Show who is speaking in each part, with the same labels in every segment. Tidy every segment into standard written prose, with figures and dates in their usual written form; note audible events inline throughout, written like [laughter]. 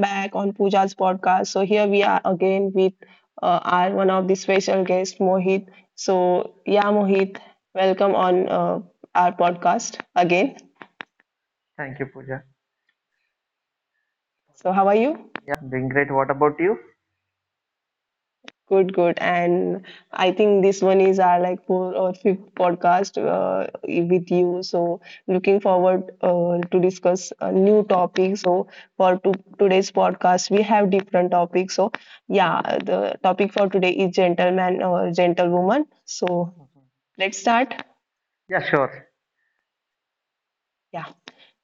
Speaker 1: back on Pooja's podcast. So here we are again with our one of the special guests, Mohit. So yeah, Mohit, welcome on our podcast again.
Speaker 2: Thank you, Pooja.
Speaker 1: So how are you?
Speaker 2: Yeah, doing great. What about you?
Speaker 1: Good, good. And I think this one is our like fourth or fifth podcast with you. So looking forward to discuss a new topic. So for today's podcast, we have different topics. So yeah, the topic for today is gentleman or gentlewoman. So
Speaker 2: Mhm.
Speaker 1: let's start.
Speaker 2: Yeah, sure.
Speaker 1: Yeah.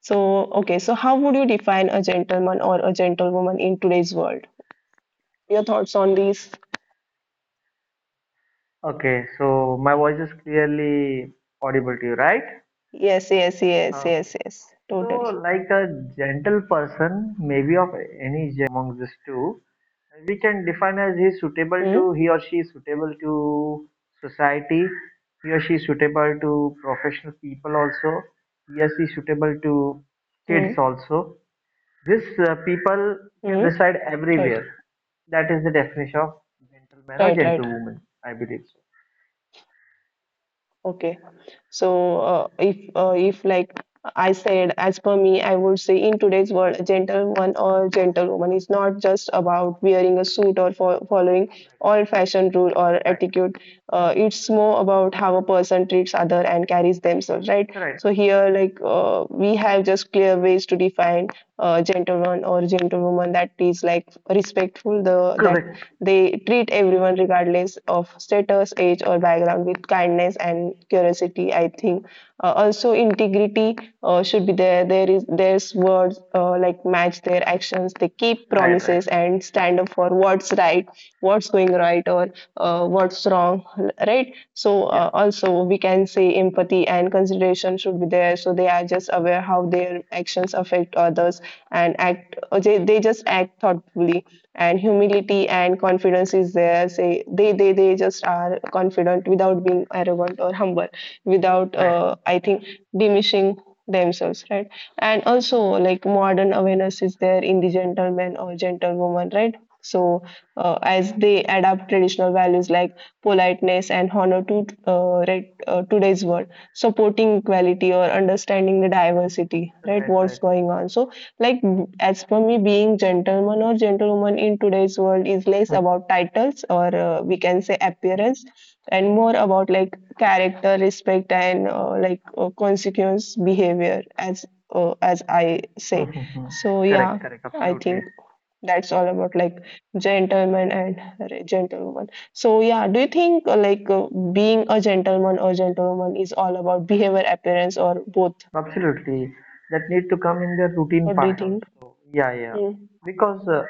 Speaker 1: So okay. So how would you define a gentleman or a gentlewoman in today's world? Your thoughts on this?
Speaker 2: Okay, so my voice is clearly audible to you, right?
Speaker 1: Yes, yes, yes,
Speaker 2: Okay.
Speaker 1: yes, yes.
Speaker 2: So,
Speaker 1: Totally.
Speaker 2: like a gentle person, maybe of any gender of, among these two, we can define as he is suitable
Speaker 1: Hmm.
Speaker 2: to he or she is suitable to society, he or she is suitable to professional people also, he or she is suitable to kids
Speaker 1: Hmm.
Speaker 2: also. This people can
Speaker 1: Hmm?
Speaker 2: reside
Speaker 1: Right,
Speaker 2: everywhere. That is the definition of gentleman or
Speaker 1: right, right.
Speaker 2: gentlewoman. I believe so.
Speaker 1: Okay. So, if like I said, as per me, I would say in today's world, a gentleman or gentlewoman is not just about wearing a suit or fo following all fashion rule or
Speaker 2: Right.
Speaker 1: etiquette. It's more about how a person treats other and carries themselves, right?
Speaker 2: Right. Right.
Speaker 1: So here, like we have just clear ways to define gentleman or gentlewoman that is like respectful, the that
Speaker 2: Correct.
Speaker 1: They treat everyone, regardless of status, age, or background, with kindness and curiosity. I think also integrity should be there. There is there's words like match their actions. They keep
Speaker 2: Right. Right.
Speaker 1: promises and stand up for what's right, what's going
Speaker 2: Right.
Speaker 1: right, or what's wrong, right? So
Speaker 2: Yeah.
Speaker 1: also we can say empathy and consideration should be there. So they are just aware how their actions affect others and act. Or they just act thoughtfully and humility and confidence is there say they just are confident without being arrogant or humble without
Speaker 2: Right.
Speaker 1: I think diminishing themselves, right? And also like modern awareness is there in the gentleman or gentlewoman, right? So as they adapt traditional values like politeness and honor to right, today's world, supporting equality or understanding the diversity, right?
Speaker 2: Right. Right.
Speaker 1: What's going on? So like, as for me, being gentleman or gentlewoman in today's world is less about titles or we can say appearance and more about like character, respect, and like consequence behavior, as I say. So
Speaker 2: [laughs]
Speaker 1: yeah,
Speaker 2: Correct. Correct.
Speaker 1: I
Speaker 2: Absolutely.
Speaker 1: think that's all about like gentleman and gentlewoman. So yeah, do you think like being a gentleman or gentlewoman is all about behavior, appearance, or both?
Speaker 2: Absolutely, that need to come in their routine
Speaker 1: What do you
Speaker 2: patterns.
Speaker 1: think?
Speaker 2: So yeah, yeah,
Speaker 1: Mm.
Speaker 2: because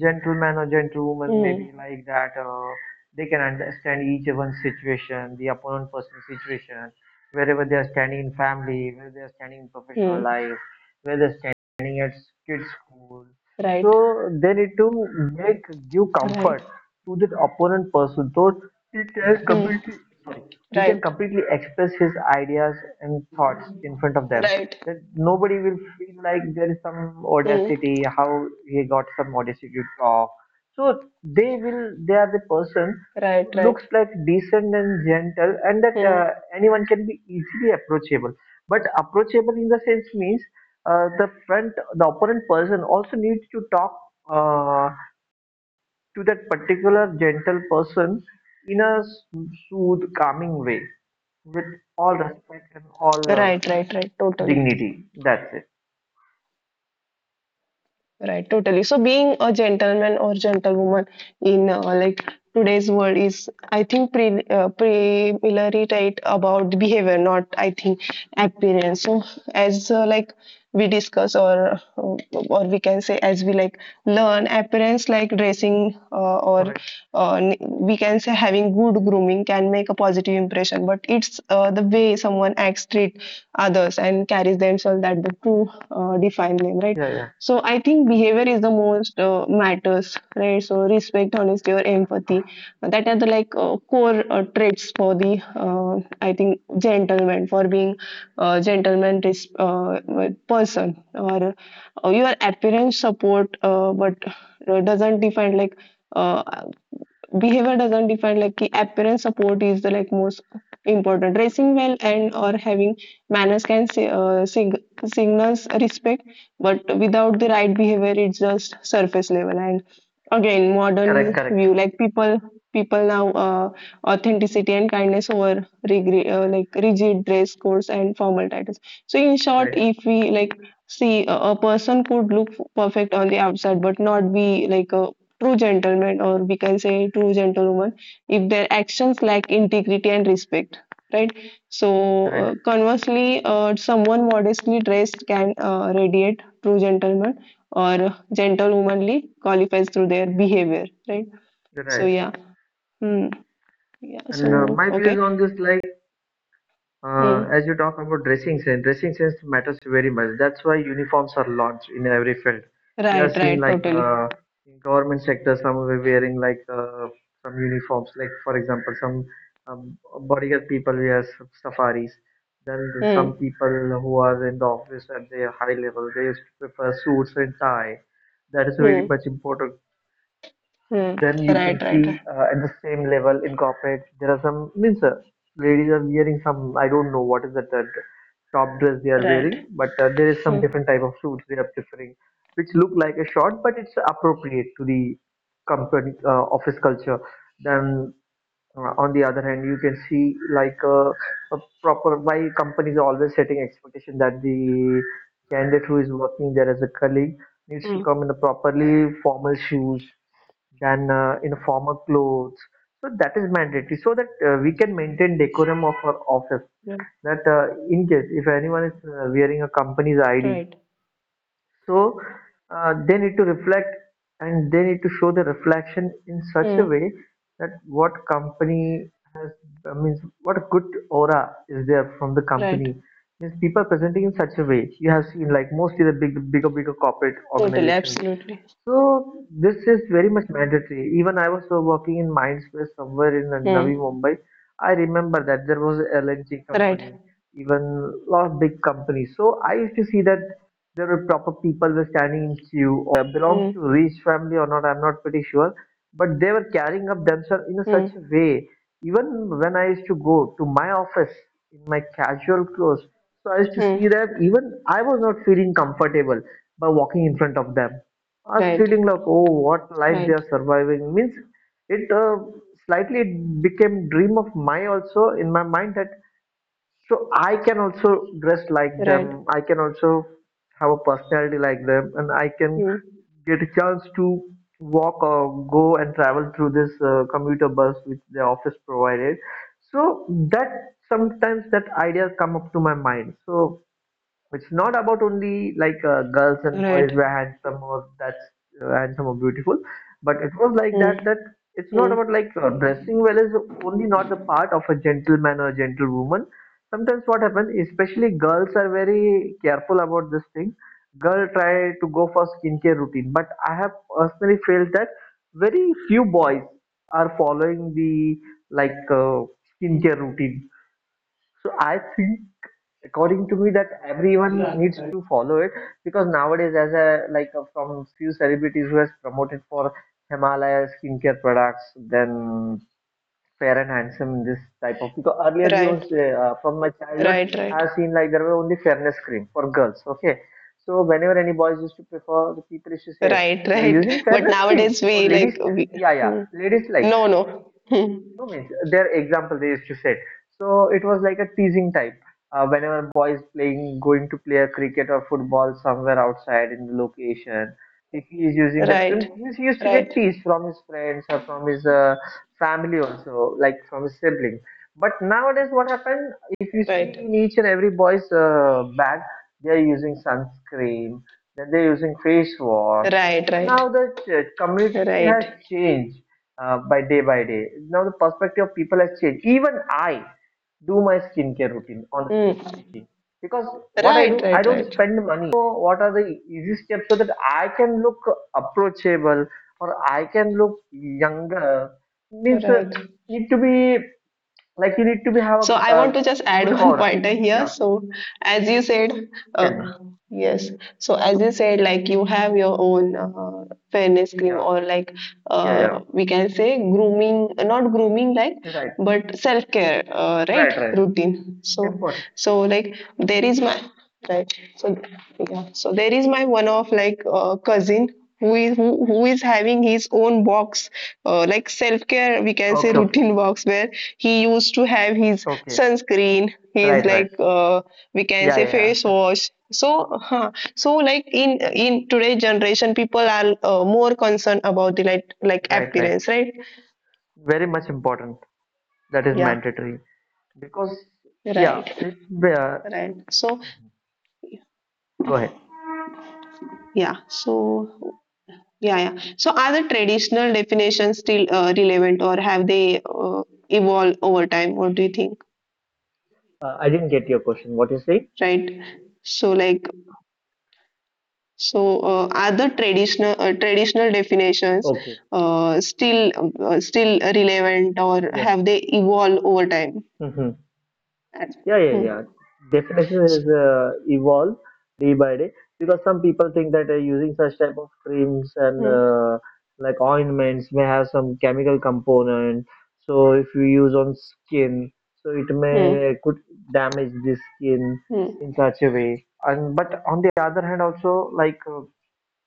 Speaker 2: gentleman or gentlewoman may
Speaker 1: Hmm.
Speaker 2: be like that. They can understand each one's situation, the opponent person's situation, wherever they are standing in family, where they are standing in professional
Speaker 1: Mm.
Speaker 2: life, where they're standing at kids' school.
Speaker 1: Right,
Speaker 2: So they need to make give
Speaker 1: right.
Speaker 2: comfort to the opponent person. Though it are
Speaker 1: Hmm.
Speaker 2: completely sorry he can
Speaker 1: Right,
Speaker 2: completely express his ideas and thoughts in front of them.
Speaker 1: right.
Speaker 2: That nobody will feel like there is some
Speaker 1: Hmm.
Speaker 2: audacity, how he got some audacity to talk. So they will, they are the person
Speaker 1: Right,
Speaker 2: who
Speaker 1: right.
Speaker 2: looks like decent and gentle, and that
Speaker 1: Hmm.
Speaker 2: anyone can be easily approachable. But approachable in the sense means the front, the opponent person also needs to talk. Uh, to that particular gentle person in a soothe, calming way with all respect and all
Speaker 1: Right, right, right. Totally.
Speaker 2: dignity. That's it.
Speaker 1: Right, totally. So being a gentleman or gentlewoman in like today's world is, I think, preliminary right, about behavior, not I think appearance. So as like we discuss or or we can say as we like learn appearance like dressing or
Speaker 2: Right.
Speaker 1: we can say having good grooming can make a positive impression. But it's the way someone acts, treat others, and carries themselves that the true define them, right?
Speaker 2: Yeah, yeah.
Speaker 1: So I think behavior is the most matters, right? So respect, honesty, or empathy. That are the like core traits for the I think gentleman for being gentleman person. Or your appearance support, but doesn't define like. Uh, Behavior doesn't define like ki appearance support is the like most important dressing well and or having manners can say, signals respect but without the right behavior it's just surface level. And again,
Speaker 2: Correct,
Speaker 1: modern
Speaker 2: correct.
Speaker 1: view like people now authenticity and kindness over like rigid dress codes and formal titles. So in short
Speaker 2: Right,
Speaker 1: if we like see a person could look perfect on the outside but not be like a true gentleman, or we can say true gentlewoman if their actions lack integrity and respect, right? So
Speaker 2: right,
Speaker 1: conversely someone modestly dressed can radiate true gentleman or gentlewomanly qualifies through their behavior, right? So
Speaker 2: right.
Speaker 1: yeah. Hmm. Yeah. So
Speaker 2: And my views
Speaker 1: okay.
Speaker 2: on this, like Uh,
Speaker 1: Hmm.
Speaker 2: as you talk about dressing sense matters very much. That's why uniforms are launched in every field. You have
Speaker 1: Right,
Speaker 2: seen
Speaker 1: right,
Speaker 2: like
Speaker 1: totally.
Speaker 2: in government sector, some were wearing like some uniforms. Like for example, some um, bodyguard people wear safaris. Then some
Speaker 1: Hmm.
Speaker 2: people who are in the office at their high level, they prefer suits and tie. That is very
Speaker 1: Hmm.
Speaker 2: much important.
Speaker 1: Hmm.
Speaker 2: Then you can
Speaker 1: Right, right,
Speaker 2: see
Speaker 1: right,
Speaker 2: at the same level in corporate there are some means ladies are wearing some, I don't know what is that top dress they are
Speaker 1: right.
Speaker 2: wearing, but there is some
Speaker 1: Hmm.
Speaker 2: different type of suits they are preferring, which look like a short, but it's appropriate to the company office culture. Then on the other hand, you can see like a proper, why companies are always setting expectation that the candidate who is working there as a colleague needs to
Speaker 1: Hmm.
Speaker 2: come in a properly formal shoes than in formal clothes. So that is mandatory so that we can maintain decorum of our office.
Speaker 1: Yeah.
Speaker 2: That in case if anyone is wearing a company's ID,
Speaker 1: Right.
Speaker 2: so they need to reflect and they need to show the reflection in such a
Speaker 1: Hmm.
Speaker 2: way that what company has means what a good aura is there from the
Speaker 1: Right,
Speaker 2: company. Means people presenting in such a way. You have seen like mostly the big, bigger, bigger corporate
Speaker 1: totally,
Speaker 2: organizations,
Speaker 1: absolutely.
Speaker 2: so this is very much mandatory. Even I was working in Mindspace somewhere in Navi
Speaker 1: Hmm.
Speaker 2: Mumbai. I remember that there was a LNG
Speaker 1: Right.
Speaker 2: company, even lot of big companies. So I used to see that there were proper people were standing in queue, all boys and girls, looking very belongs
Speaker 1: Mm,
Speaker 2: to rich family or not. I'm not pretty sure, but they were carrying up themselves in
Speaker 1: mm,
Speaker 2: such a way. Even when I used to go to my office in my casual clothes, so I used to see
Speaker 1: mm.
Speaker 2: that even I was not feeling comfortable by walking in front of them. I was
Speaker 1: Right.
Speaker 2: feeling like, oh, what life they
Speaker 1: Right.
Speaker 2: are surviving, means it slightly it became dream of my also in my mind that so I can also dress like them,
Speaker 1: Right.
Speaker 2: I can also have a personality like them and I can
Speaker 1: Mm.
Speaker 2: get a chance to walk or go and travel through this commuter bus which the office provided. So that sometimes that idea come up to my mind. So it's not about only like girls and boys
Speaker 1: Right.
Speaker 2: were handsome or that's handsome or beautiful, but it was like
Speaker 1: Mm,
Speaker 2: that, that it's not
Speaker 1: mm.
Speaker 2: about like dressing well is only not the part of a gentleman or a gentlewoman. Sometimes what happens, especially girls are very careful about this thing. Girl try to go for skincare routine, but I have personally felt that very few boys are following the like skincare routine. So I think according to me that everyone needs to follow it, because nowadays as a like from few celebrities who has promoted for Himalaya skincare products, then fair and handsome, in this type of, because earlier we was
Speaker 1: Right.
Speaker 2: from my childhood
Speaker 1: Right.
Speaker 2: I
Speaker 1: Right.
Speaker 2: have seen like there were only fairness cream for girls, okay? So whenever any boys used to prefer, the people used to say
Speaker 1: Right.
Speaker 2: you're
Speaker 1: Right.
Speaker 2: using
Speaker 1: [laughs] But
Speaker 2: fairness cream
Speaker 1: nowadays
Speaker 2: or
Speaker 1: we
Speaker 2: ladies,
Speaker 1: like we.
Speaker 2: yeah, yeah,
Speaker 1: Mm.
Speaker 2: ladies like,
Speaker 1: No. No. Mm.
Speaker 2: no, means their example they used to say. So it was like a teasing type, whenever boys playing going to play a cricket or football somewhere outside in the location, if he is using that cream
Speaker 1: Right.
Speaker 2: means he used to get
Speaker 1: Right.
Speaker 2: teased from his friends or from his family also, like from a sibling. But nowadays, what happened? If you
Speaker 1: Right.
Speaker 2: see in each and every boy's bag, they are using sunscreen, then they're using face wash.
Speaker 1: Right.
Speaker 2: So now
Speaker 1: Right.
Speaker 2: the community has
Speaker 1: Right.
Speaker 2: changed by day by day. Now the perspective of people has changed. Even I do my skincare routine, honestly
Speaker 1: Mm.
Speaker 2: speaking, because what I
Speaker 1: Right.
Speaker 2: do, I
Speaker 1: Right.
Speaker 2: don't
Speaker 1: Right.
Speaker 2: spend money, but I know what are the easy steps so that I can look approachable or I can look younger, means
Speaker 1: Right.
Speaker 2: need to be, like you need to be have
Speaker 1: So I
Speaker 2: a,
Speaker 1: want
Speaker 2: a
Speaker 1: to just add [laughs]
Speaker 2: good
Speaker 1: one
Speaker 2: aura.
Speaker 1: pointer here.
Speaker 2: Yeah,
Speaker 1: So as you said,
Speaker 2: tell me.
Speaker 1: uh, yes. So as you said, like you have your own fairness cream
Speaker 2: Yeah,
Speaker 1: or like
Speaker 2: yeah, yeah.
Speaker 1: we can say grooming, not grooming like,
Speaker 2: Right,
Speaker 1: but self care, right?
Speaker 2: right, right.
Speaker 1: Routine. So
Speaker 2: Important.
Speaker 1: so like there is my right. So yeah. So there is my one of like cousin who is having his own box like self care, we can say
Speaker 2: Okay, okay,
Speaker 1: routine walks where he used to have his
Speaker 2: okay.
Speaker 1: sunscreen, his
Speaker 2: Right, right.
Speaker 1: like we can
Speaker 2: Yeah,
Speaker 1: say
Speaker 2: yeah,
Speaker 1: face
Speaker 2: yeah.
Speaker 1: wash. So, so like in today's generation, people are more concerned about the like
Speaker 2: Right, right.
Speaker 1: appearance, right?
Speaker 2: Very much important. That is
Speaker 1: Yeah,
Speaker 2: mandatory, because
Speaker 1: right,
Speaker 2: yeah. It, uh,
Speaker 1: right. So
Speaker 2: go ahead.
Speaker 1: yeah, so yeah, yeah. So are the traditional definitions still relevant, or have they evolved over time? What do you think?
Speaker 2: I didn't get your question. What you say?
Speaker 1: Right. So are the traditional definitions
Speaker 2: Okay.
Speaker 1: uh, still still relevant, or
Speaker 2: Yeah.
Speaker 1: have they evolved over time?
Speaker 2: Mhm. Yeah, yeah,
Speaker 1: Hmm.
Speaker 2: yeah. Definition is evolve day by day, because some people think that using such type of creams and like ointments may have some chemical component. So if you use on skin, so it
Speaker 1: Hmm.
Speaker 2: may
Speaker 1: Hmm.
Speaker 2: could damage the skin
Speaker 1: Hmm.
Speaker 2: in such a way. And but on the other hand, also like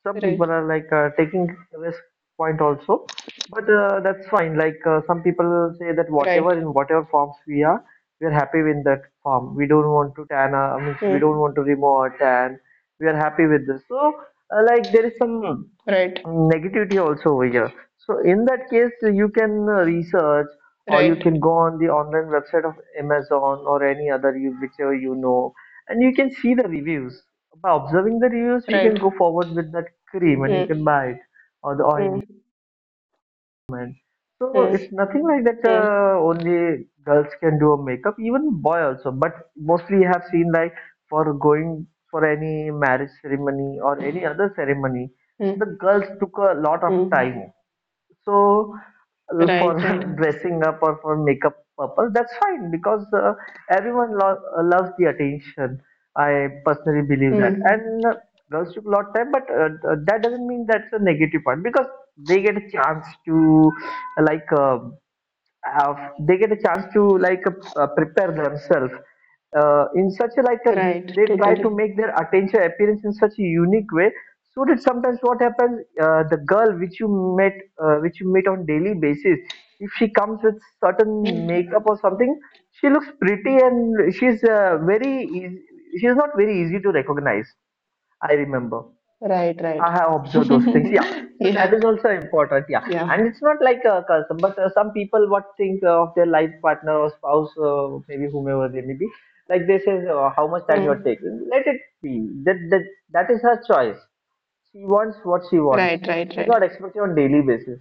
Speaker 2: some
Speaker 1: Right.
Speaker 2: people are like taking risk point also, but that's fine, like some people say that whatever,
Speaker 1: Right.
Speaker 2: in whatever forms we are, we are happy with that form, we don't want to tan. I mean, we don't
Speaker 1: Hmm.
Speaker 2: want to remove our tan, we are happy with this. So like there is some
Speaker 1: Right.
Speaker 2: negativity also over here. So in that case, you can research or you can
Speaker 1: Right.
Speaker 2: go on the online website of Amazon or any other, you whichever you know, and you can see the reviews. By observing the reviews, you
Speaker 1: Right.
Speaker 2: can go forward with that cream and you can
Speaker 1: Hmm.
Speaker 2: buy it or the
Speaker 1: Hmm.
Speaker 2: ointment. So
Speaker 1: Hmm.
Speaker 2: it's nothing like that.
Speaker 1: Hmm.
Speaker 2: Only girls can do a makeup, even boy also. But mostly you have seen like for going for any marriage ceremony or any other ceremony, the
Speaker 1: Hmm.
Speaker 2: girls took a lot of
Speaker 1: Hmm.
Speaker 2: time so for
Speaker 1: Right. Right.
Speaker 2: [laughs] dressing up or for makeup purpose. That's fine, because everyone loves the attention, I personally believe that.
Speaker 1: Hmm.
Speaker 2: And girls took a lot of time, but that doesn't mean that's a negative part, because they get a chance to like have, they get a chance to like prepare themselves in such a, like a,
Speaker 1: Right.
Speaker 2: they try to
Speaker 1: Totally.
Speaker 2: make their attention appearance in such a unique way. So that sometimes what happens, the girl which you met which you meet on daily basis, if she comes with certain
Speaker 1: Hmm.
Speaker 2: makeup or something, she looks pretty and she's very easy, she's not very easy to recognize. I remember
Speaker 1: Right. Right.
Speaker 2: I have observed
Speaker 1: [laughs]
Speaker 2: those things. Yeah. So that
Speaker 1: Yeah.
Speaker 2: is also important. Yeah.
Speaker 1: Yeah.
Speaker 2: And it's not like a custom, but some people what think of their life partner or spouse, maybe whomever they may be, like they say, how much time you're
Speaker 1: Hmm.
Speaker 2: taking. Let it be. That, that, that is her choice. She wants what she wants.
Speaker 1: Right. Right.
Speaker 2: She's
Speaker 1: Right.
Speaker 2: not expected on daily basis.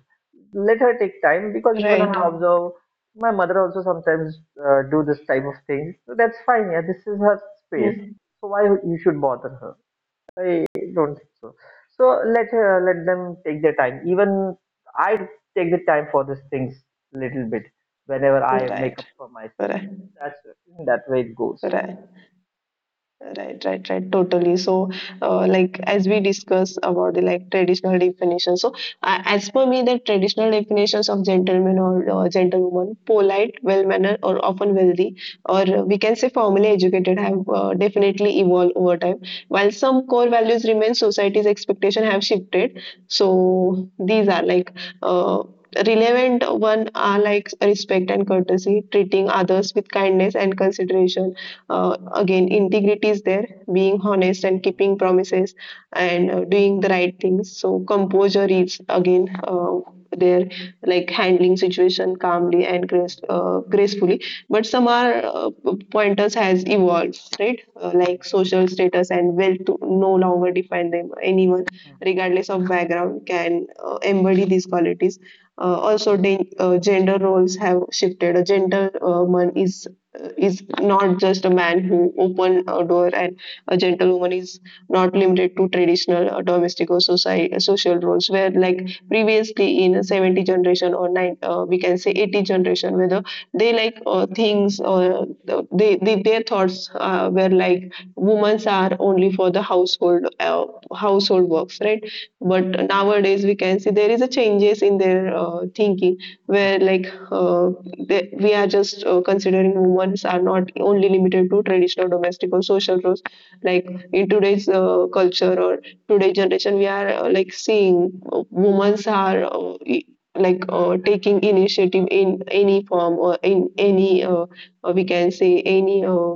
Speaker 2: Let her take time, because even I have
Speaker 1: Right.
Speaker 2: observed my mother also sometimes do this type of thing. So that's fine. Yeah. This is her space.
Speaker 1: Mhm.
Speaker 2: So why you should bother her? I don't think so. So let let them take their time. Even I take the time for these things little bit whenever I make
Speaker 1: Right,
Speaker 2: up for myself.
Speaker 1: correct,
Speaker 2: That's in that way it goes.
Speaker 1: correct. Right, right, right, totally. So, like as we discuss about the like traditional definition, so as per me, the traditional definitions of gentleman or gentlewoman, polite,
Speaker 2: Mhm,
Speaker 1: well-mannered, or often wealthy, or we can say formally educated, have definitely evolved over time. While some core values remain, society's expectation have shifted.
Speaker 2: mhm,
Speaker 1: So these are like. Uh, Relevant one are like respect and courtesy treating others with kindness and consideration, again integrity is there being honest and
Speaker 2: mhm,
Speaker 1: keeping promises and doing the right things. So composure is again there like handling situation calmly and
Speaker 2: mhm,
Speaker 1: grace,
Speaker 2: mhm,
Speaker 1: uh, gracefully but some are pointers has evolved, right?
Speaker 2: mhm, mhm,
Speaker 1: Like social status and wealth to no longer define them, anyone regardless of
Speaker 2: mhm, mhm,
Speaker 1: background can embody these qualities, also, gender roles have shifted. A gender man is not just a man who open a door and a gentlewoman is not limited to traditional domestic or society, social roles where like previously in 70 generation or we can say 80 generation whether they like things or they their thoughts were like women are only for the household works, right? But nowadays we can see there is a changes in their thinking where like uh, we are just considering women's are not only limited to traditional domestic or social roles like in today's culture or today's generation, we are like seeing women's are like taking initiative in any form or in
Speaker 2: mhm, mhm,
Speaker 1: any
Speaker 2: mhm,
Speaker 1: we can say any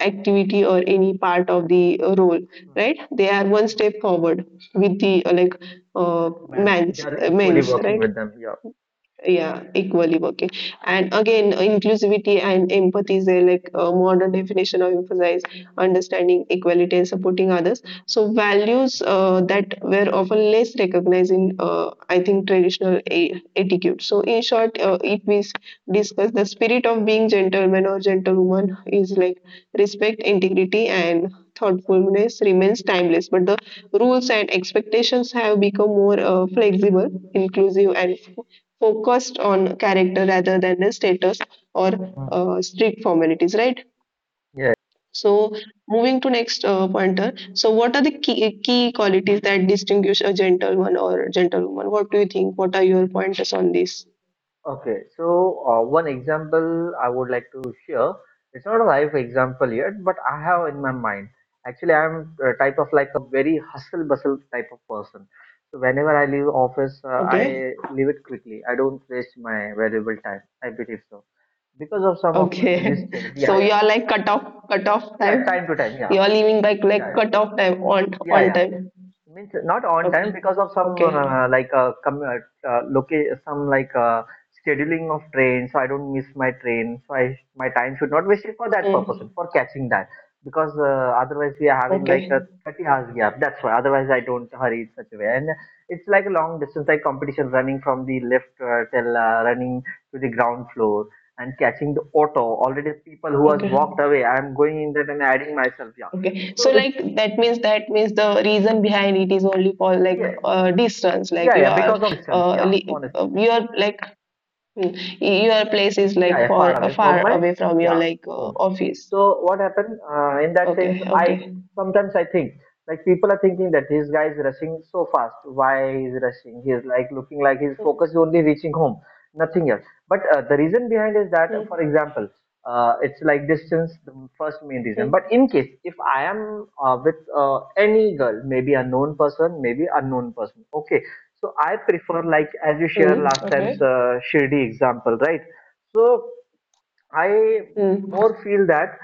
Speaker 1: activity or any part of the role,
Speaker 2: mhm.
Speaker 1: right? They are one step forward with the
Speaker 2: Yes.
Speaker 1: like
Speaker 2: Man, they
Speaker 1: men's
Speaker 2: are
Speaker 1: uh,
Speaker 2: equally
Speaker 1: men's
Speaker 2: working
Speaker 1: right?
Speaker 2: with them. Yeah.
Speaker 1: Yeah, equally working. And again, inclusivity and empathy is a like a modern definition of emphasize understanding equality and supporting others. So values that were often less recognized in, I think, traditional etiquette. So in short, if we discuss the spirit of being gentleman or gentlewoman is like respect, integrity, and thoughtfulness remains timeless. But the rules and expectations have become more flexible, inclusive, and focused on character rather than the status or
Speaker 2: Mhm.
Speaker 1: strict formalities, right?
Speaker 2: Yeah, yeah.
Speaker 1: So moving to next pointer. So what are the key qualities that distinguish a gentleman or gentlewoman? What do you think? What are your pointers on this?
Speaker 2: Okay, so one example I would like to share. It's not a live example yet, but I have in my mind. Actually, I'm a type of like a very hustle bustle type of person. So whenever I leave office,
Speaker 1: Okay,
Speaker 2: I leave it quickly. I don't waste my valuable time. I believe so because of some of my busy
Speaker 1: okay.
Speaker 2: schedule.
Speaker 1: [laughs]
Speaker 2: Yeah,
Speaker 1: So
Speaker 2: yeah,
Speaker 1: you are like cut off
Speaker 2: yeah.
Speaker 1: time,
Speaker 2: Time to time. Yeah,
Speaker 1: you are leaving like
Speaker 2: yeah, yeah,
Speaker 1: cut off time on
Speaker 2: yeah,
Speaker 1: on
Speaker 2: yeah.
Speaker 1: time.
Speaker 2: Means not on time
Speaker 1: Okay,
Speaker 2: because of some
Speaker 1: okay.
Speaker 2: like some like scheduling of train, so I don't miss my train, so I my time should not waste it for that purpose,
Speaker 1: Hmm.
Speaker 2: for catching that, because otherwise we are having like a
Speaker 1: Okay,
Speaker 2: 30 hours gap. That's why otherwise I don't hurry in such a way, and it's like a long distance, like competition, running from the left till running to the ground floor and catching the auto, already people who has
Speaker 1: okay.
Speaker 2: walked away, I'm going in that and adding myself. Yeah,
Speaker 1: Okay, so
Speaker 2: so it's
Speaker 1: like that
Speaker 2: hmm,
Speaker 1: means that means the reason behind it is only for like
Speaker 2: yeah.
Speaker 1: distance. Like
Speaker 2: Yeah,
Speaker 1: you
Speaker 2: yeah,
Speaker 1: are,
Speaker 2: because of distance.
Speaker 1: uh,
Speaker 2: Yeah,
Speaker 1: li- uh,
Speaker 2: honestly,
Speaker 1: you are like hmm, your place is
Speaker 2: yeah,
Speaker 1: like
Speaker 2: yeah,
Speaker 1: for
Speaker 2: far away from
Speaker 1: far
Speaker 2: my,
Speaker 1: away from your
Speaker 2: yeah,
Speaker 1: like
Speaker 2: home.
Speaker 1: office.
Speaker 2: So what happened in that sense?
Speaker 1: Okay,
Speaker 2: I
Speaker 1: okay.
Speaker 2: sometimes I think like people are thinking that this guy is rushing so fast. Why he's rushing? He is like looking like his
Speaker 1: Hmm,
Speaker 2: focus is only reaching home, nothing else. But the reason behind is that, for
Speaker 1: hmm,
Speaker 2: example, it's like distance, the first main reason. But
Speaker 1: hmm,
Speaker 2: in case if I am with any girl, maybe a known person, maybe unknown person, okay. So I prefer, like as you share
Speaker 1: hmm,
Speaker 2: last time's
Speaker 1: okay.
Speaker 2: Shirdi example, right? So I
Speaker 1: Hmm,
Speaker 2: more feel that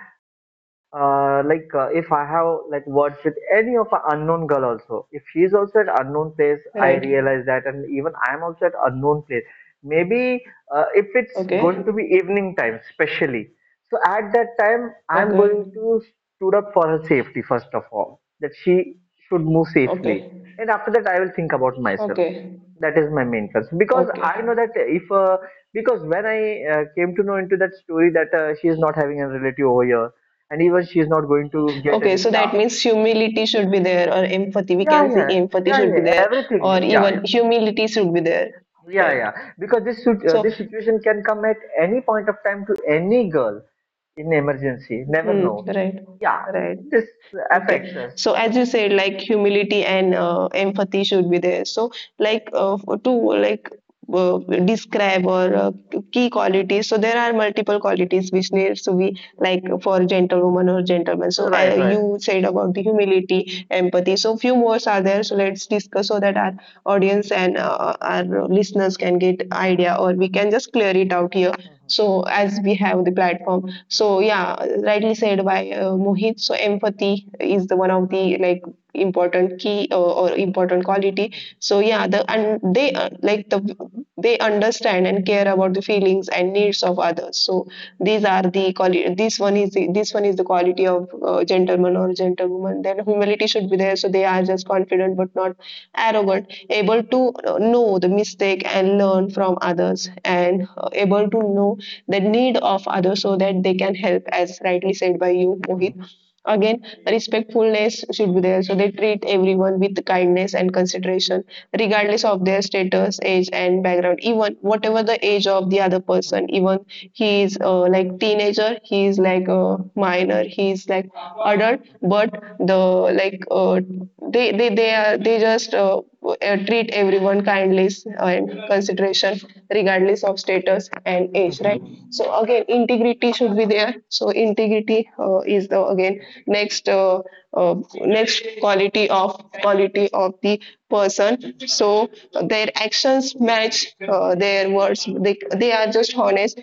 Speaker 2: if I have like words with any of a unknown girl also, if she's also at unknown place, I
Speaker 1: right.
Speaker 2: realize that, and even I'm also at unknown place. Maybe if it's going
Speaker 1: Okay.
Speaker 2: to be evening time, especially. So at that time, I'm going
Speaker 1: Okay.
Speaker 2: to stood up for her safety first of all, that she should move safely,
Speaker 1: Okay.
Speaker 2: and after that, I will think about myself.
Speaker 1: Okay.
Speaker 2: That is my main concern, because
Speaker 1: Okay.
Speaker 2: I know that if because when I came to know into that story that she is not having a relative over here, and even she is not going to get
Speaker 1: Okay.
Speaker 2: any.
Speaker 1: So
Speaker 2: Yeah,
Speaker 1: that means humility should be there, or empathy. We
Speaker 2: yeah,
Speaker 1: can say
Speaker 2: yeah,
Speaker 1: empathy
Speaker 2: yeah,
Speaker 1: should be
Speaker 2: yeah,
Speaker 1: there,
Speaker 2: everything,
Speaker 1: or
Speaker 2: yeah, yeah,
Speaker 1: even humility should be there.
Speaker 2: yeah,
Speaker 1: Right.
Speaker 2: yeah. Because
Speaker 1: So,
Speaker 2: this situation can come at any point of time to any girl in emergency, never know.
Speaker 1: right,
Speaker 2: Yeah,
Speaker 1: right.
Speaker 2: this affects
Speaker 1: Okay.
Speaker 2: us.
Speaker 1: So, as you said, like humility and empathy should be there. So,
Speaker 2: Yeah,
Speaker 1: like to like uh, describe or key qualities. So, there are multiple qualities which needs to be like for gentlewoman or gentleman.
Speaker 2: yeah.
Speaker 1: So,
Speaker 2: Right, right.
Speaker 1: you said about the humility, empathy. So, few more are there. So, let's discuss so that our audience and our listeners can get idea or we can just clear it out here. So, as we have the platform. So yeah, rightly said by Mohit, so empathy is the one of the like important key or important quality. So yeah, they they understand and care about the feelings and needs of others. So these are the quality. This one is the quality of gentleman or gentlewoman. Then humility should be there, so they are just confident but not arrogant, able to know the mistake and learn from others and able to know the need of others so that they can help. As rightly said by you, Mohit,
Speaker 2: Mhm,
Speaker 1: again respectfulness should be there, so they treat everyone with kindness and consideration regardless of their status, age and background. Even whatever the age of the other
Speaker 2: mhm, mhm,
Speaker 1: person, even he is like teenager, he is like a minor, he is like adult,
Speaker 2: mhm,
Speaker 1: but the like they are they just treat everyone kindly and consideration regardless of status and
Speaker 2: mhm,
Speaker 1: age,
Speaker 2: mhm,
Speaker 1: right?
Speaker 2: mhm,
Speaker 1: So again, integrity should be there. So integrity is the again next uh, next quality of the person.
Speaker 2: mhm, mhm.
Speaker 1: So their actions match their words. They are just honest,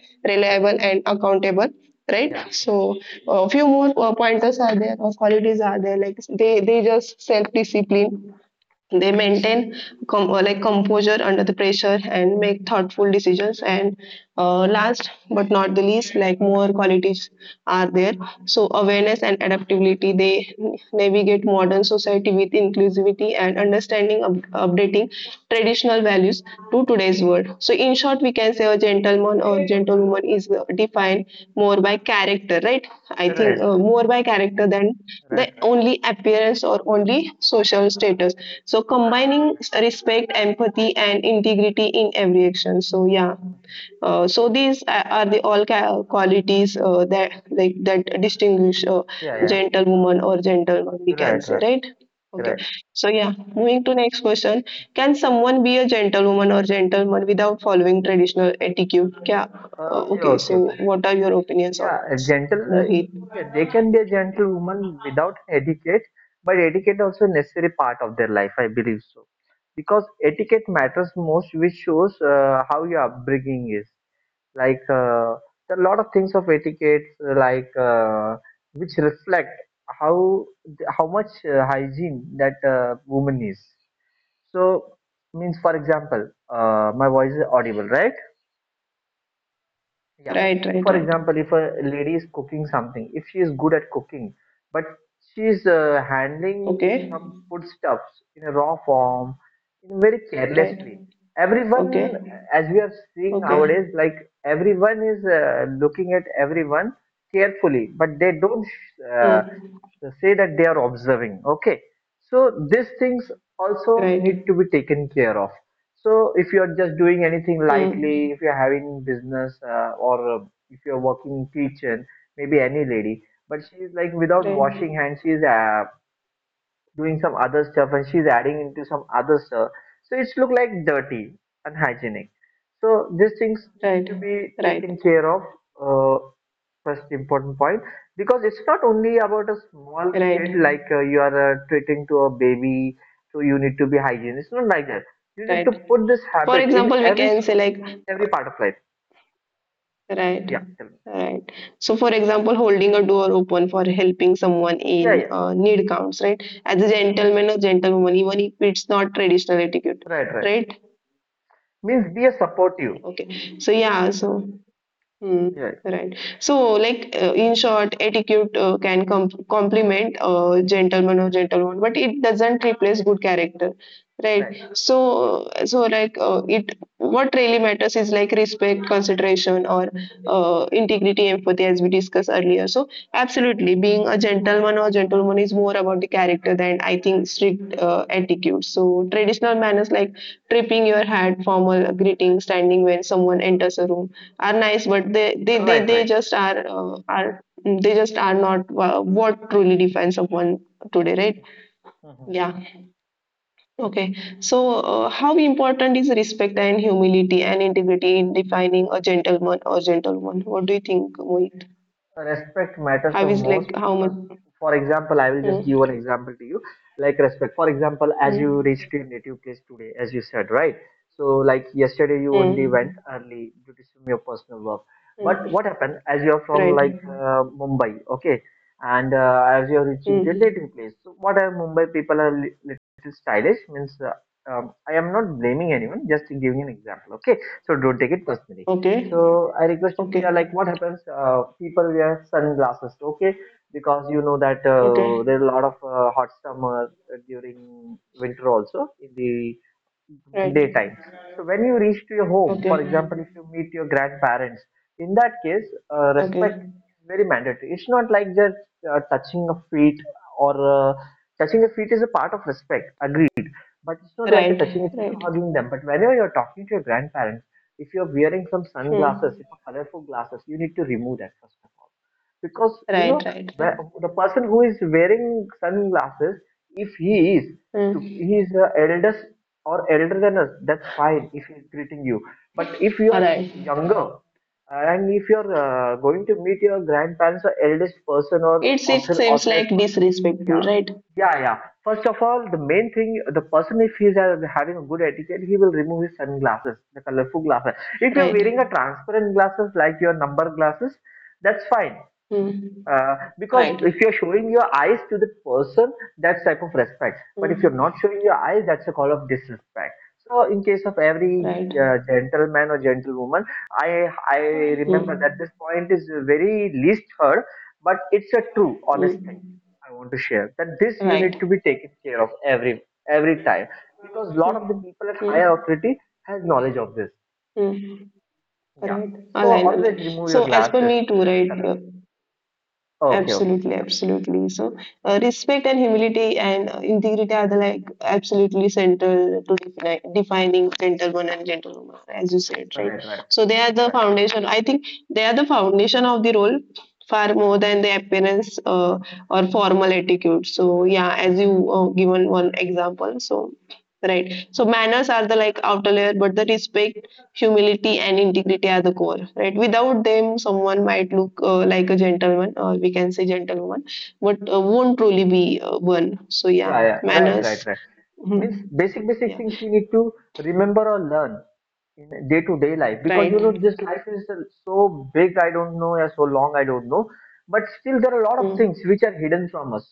Speaker 2: Right,
Speaker 1: reliable and accountable, right?
Speaker 2: yeah, yeah.
Speaker 1: So a few more pointers are there or qualities are there, like they just self discipline. They maintain composure under the pressure and make thoughtful decisions, and last but not the least, like more qualities are there. So awareness and adaptability, they navigate modern society with inclusivity and understanding, updating
Speaker 2: Mm-hmm,
Speaker 1: traditional values values to
Speaker 2: mm-hmm.
Speaker 1: today's world. So, in short, we can say a gentleman or gentlewoman is defined more by
Speaker 2: Mm-hmm.
Speaker 1: character, right? I think
Speaker 2: Right, right,
Speaker 1: more by character than
Speaker 2: right,
Speaker 1: the
Speaker 2: right,
Speaker 1: only appearance or only social status. So, combining
Speaker 2: right.
Speaker 1: respect, empathy, and integrity in every action. So, yeah.
Speaker 2: Mhm.
Speaker 1: So these are the all qualities that distinguish a
Speaker 2: Yeah, yeah,
Speaker 1: gentlewoman or gentleman, we can
Speaker 2: right,
Speaker 1: say,
Speaker 2: right,
Speaker 1: right? Okay.
Speaker 2: right.
Speaker 1: So yeah, moving to next question. Can someone be a gentlewoman or gentleman without following traditional etiquette? Yeah.
Speaker 2: Yeah,
Speaker 1: Okay.
Speaker 2: okay,
Speaker 1: So
Speaker 2: okay.
Speaker 1: what are your opinions on
Speaker 2: Yeah, a
Speaker 1: this,
Speaker 2: gentle.
Speaker 1: Mohit?
Speaker 2: Yeah, they can be a gentle woman without etiquette, but etiquette also a necessary part of their life. I believe so because etiquette matters most, which shows how your upbringing is. Like there are a lot of things of etiquettes, which reflect how how much hygiene that woman is. So means, for example, my voice is audible, right? Yeah.
Speaker 1: Right.
Speaker 2: So,
Speaker 1: Right.
Speaker 2: for
Speaker 1: Right.
Speaker 2: example, if a lady is cooking something, if she is good at cooking, but she is handling
Speaker 1: Okay.
Speaker 2: some foodstuffs in a raw form, in very
Speaker 1: Right.
Speaker 2: carelessly. Everyone,
Speaker 1: Okay.
Speaker 2: as we are seeing
Speaker 1: Okay.
Speaker 2: nowadays, like everyone is looking at everyone carefully, but they don't uh,
Speaker 1: Hmm.
Speaker 2: so say that they are observing. Okay, so these things also need
Speaker 1: Right.
Speaker 2: to be taken care of. So if you are just doing anything lightly,
Speaker 1: Hmm.
Speaker 2: if you're having business or if you're working in kitchen, maybe any lady, but she is like without washing
Speaker 1: Right.
Speaker 2: hands, she's doing some other stuff, and she is adding into some other stuff, so it's look like dirty, unhygienic. So these things need to
Speaker 1: Right.
Speaker 2: be
Speaker 1: Right.
Speaker 2: taken care of, uh, first important point. Because it's not only about a small kid,
Speaker 1: Right.
Speaker 2: like you are treating to a baby, so you need to be hygiene. It's not like that. You need to
Speaker 1: Right.
Speaker 2: put this
Speaker 1: For
Speaker 2: habit in
Speaker 1: example, we
Speaker 2: every
Speaker 1: can say like
Speaker 2: every part of life.
Speaker 1: right.
Speaker 2: Yeah, tell me.
Speaker 1: Right. So, for example, holding a door open for helping someone
Speaker 2: Yeah,
Speaker 1: in
Speaker 2: yeah,
Speaker 1: need counts, right? As a gentleman or gentlewoman, even if it's not traditional etiquette,
Speaker 2: right, right.
Speaker 1: right?
Speaker 2: Means be a supportive.
Speaker 1: Okay. So, yeah. So, Mm,
Speaker 2: Right,
Speaker 1: right. So, like in short, etiquette can complement gentleman or gentlewoman, but it doesn't replace good character, right?
Speaker 2: right,
Speaker 1: So, so like what really matters is like respect, consideration, or integrity, empathy, as we discussed earlier. So, absolutely, being a gentleman or gentlewoman is more about the character than I think strict etiquette. So, traditional manners like tripping your hat, formal greeting, standing when someone enters a room are nice, but they they they,
Speaker 2: right,
Speaker 1: they
Speaker 2: right.
Speaker 1: just are they just are not what truly defines someone today, right? Yeah. Okay. So, how important is respect and humility and integrity in defining a gentleman or gentlewoman? What do you think, Mohit?
Speaker 2: Respect matters the
Speaker 1: How is
Speaker 2: most,
Speaker 1: like how
Speaker 2: because
Speaker 1: much?
Speaker 2: for example, I will just
Speaker 1: Hmm.
Speaker 2: give an example to you, like respect. For example, as you
Speaker 1: Hmm.
Speaker 2: reached your native place today, as you said, right? So like yesterday you only went
Speaker 1: Hmm.
Speaker 2: early due to some your personal work. But
Speaker 1: Hmm.
Speaker 2: what happened, as you're from
Speaker 1: Right.
Speaker 2: like Mumbai, okay? And as you're reaching to your native
Speaker 1: Hmm.
Speaker 2: place, so what are Mumbai people are little stylish. Means I am not blaming anyone, just giving an example, okay? So don't take it personally.
Speaker 1: Okay.
Speaker 2: So I request you,
Speaker 1: Okay.
Speaker 2: Pooja, like what happens? People wear sunglasses, okay? Because you know that
Speaker 1: Okay.
Speaker 2: there are a lot of hot summer, during winter also in the
Speaker 1: Right.
Speaker 2: daytime. So when you reach to your home,
Speaker 1: Okay.
Speaker 2: for example, if you meet your grandparents, in that case, respect
Speaker 1: Okay.
Speaker 2: is very mandatory. It's not like just uh, touching a feet or uh, touching a feet is a part of respect, agreed. But it's not like a
Speaker 1: Right.
Speaker 2: touching a feet or
Speaker 1: Right.
Speaker 2: hugging them. But whenever you're talking to your grandparents, if you're wearing some sunglasses,
Speaker 1: Hmm.
Speaker 2: if you're colorful glasses, you need to remove that first of all. Because you
Speaker 1: Right.
Speaker 2: know
Speaker 1: Right. Right.
Speaker 2: the person who is wearing sunglasses, if he is,
Speaker 1: Mm.
Speaker 2: he is eldest or elder than us, that's fine if he's greeting you. But if
Speaker 1: All
Speaker 2: you're
Speaker 1: right.
Speaker 2: younger, and if you're going to meet your grandparents or eldest person or
Speaker 1: It seems
Speaker 2: authorized
Speaker 1: like
Speaker 2: person,
Speaker 1: disrespectful,
Speaker 2: yeah,
Speaker 1: right?
Speaker 2: yeah, yeah. First of all, the main thing, the person, if he's having a good etiquette, he will remove his sunglasses, the colorful glasses. If you're
Speaker 1: Right.
Speaker 2: wearing a transparent glasses like your number glasses, that's fine,
Speaker 1: Mm.
Speaker 2: because if
Speaker 1: Right.
Speaker 2: you're showing your eyes to the person, that's type of respect. But if you're not
Speaker 1: Mm.
Speaker 2: showing your eyes, that's a call of disrespect. So in case of every
Speaker 1: Right.
Speaker 2: gentleman or gentlewoman, I remember that
Speaker 1: Mm.
Speaker 2: this point is very least heard, but it's a true honest thing
Speaker 1: Mm.
Speaker 2: I want to share, that this you need to
Speaker 1: Right.
Speaker 2: be taken care of every time, because a lot
Speaker 1: Mm.
Speaker 2: of the people at higher
Speaker 1: Mm.
Speaker 2: authority has knowledge of this.
Speaker 1: Mm.
Speaker 2: Yeah.
Speaker 1: Right.
Speaker 2: So
Speaker 1: Align.
Speaker 2: always remove your
Speaker 1: So as per
Speaker 2: glasses
Speaker 1: me too,
Speaker 2: if it's
Speaker 1: right?
Speaker 2: colored. Okay. Okay.
Speaker 1: Absolutely,
Speaker 2: Yeah.
Speaker 1: absolutely. So, respect and humility and integrity are the like absolutely central to defining gentleman and gentlewoman, as you said, right?
Speaker 2: Right. Right.
Speaker 1: So, they are the
Speaker 2: Right.
Speaker 1: foundation. I think they are the foundation of the role far more than the appearance or formal etiquette. So, yeah, as
Speaker 2: Mhm.
Speaker 1: you given one example, so right. So, manners are the like outer layer, but the respect, humility and integrity are the core, right? Without them someone might look like a gentleman or we can say gentlewoman, but won't truly be one. So yeah,
Speaker 2: Yeah, yeah. Right, right,
Speaker 1: manners
Speaker 2: right. Means
Speaker 1: Mhm.
Speaker 2: basic, basic
Speaker 1: yeah
Speaker 2: things we need to remember or learn in day to day life, because you know,
Speaker 1: right
Speaker 2: this life is so big. I don't know, yeah, so long. I don't know, but still there are a lot of things
Speaker 1: mm.
Speaker 2: which are hidden from us.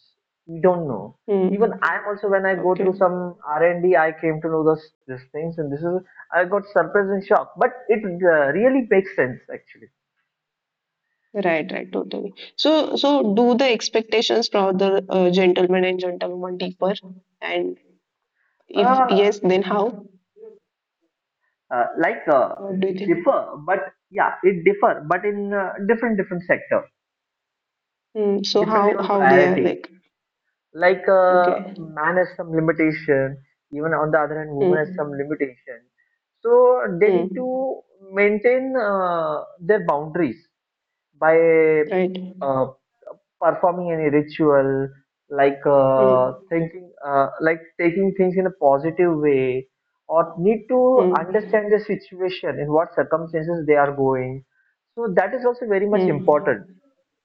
Speaker 2: We don't know. Even
Speaker 1: Mm.
Speaker 2: I'm also, when I go through
Speaker 1: Okay,
Speaker 2: some R&D, I came to know those these things, and this is I got surprised and shocked. But it really makes sense, actually.
Speaker 1: right, right, totally. So, so do the expectations from the gentleman and gentlewoman differ, and if
Speaker 2: Uh,
Speaker 1: yes, then how?
Speaker 2: uh, like uh,
Speaker 1: What do you
Speaker 2: it
Speaker 1: think?
Speaker 2: differ, but yeah, it differ, but in different different sector
Speaker 1: Mm. So
Speaker 2: depending
Speaker 1: how
Speaker 2: on
Speaker 1: how they are
Speaker 2: priority.
Speaker 1: like
Speaker 2: Like
Speaker 1: okay
Speaker 2: man has some limitation, even on the other hand, woman has some
Speaker 1: mm.
Speaker 2: limitation. So they need
Speaker 1: Mm.
Speaker 2: to maintain their boundaries by
Speaker 1: Right.
Speaker 2: uh, performing any ritual, like
Speaker 1: Mm.
Speaker 2: thinking, like taking things in a positive way, or need to
Speaker 1: Hmm.
Speaker 2: understand the situation in what circumstances they are going. So that is also very much important,
Speaker 1: Hmm.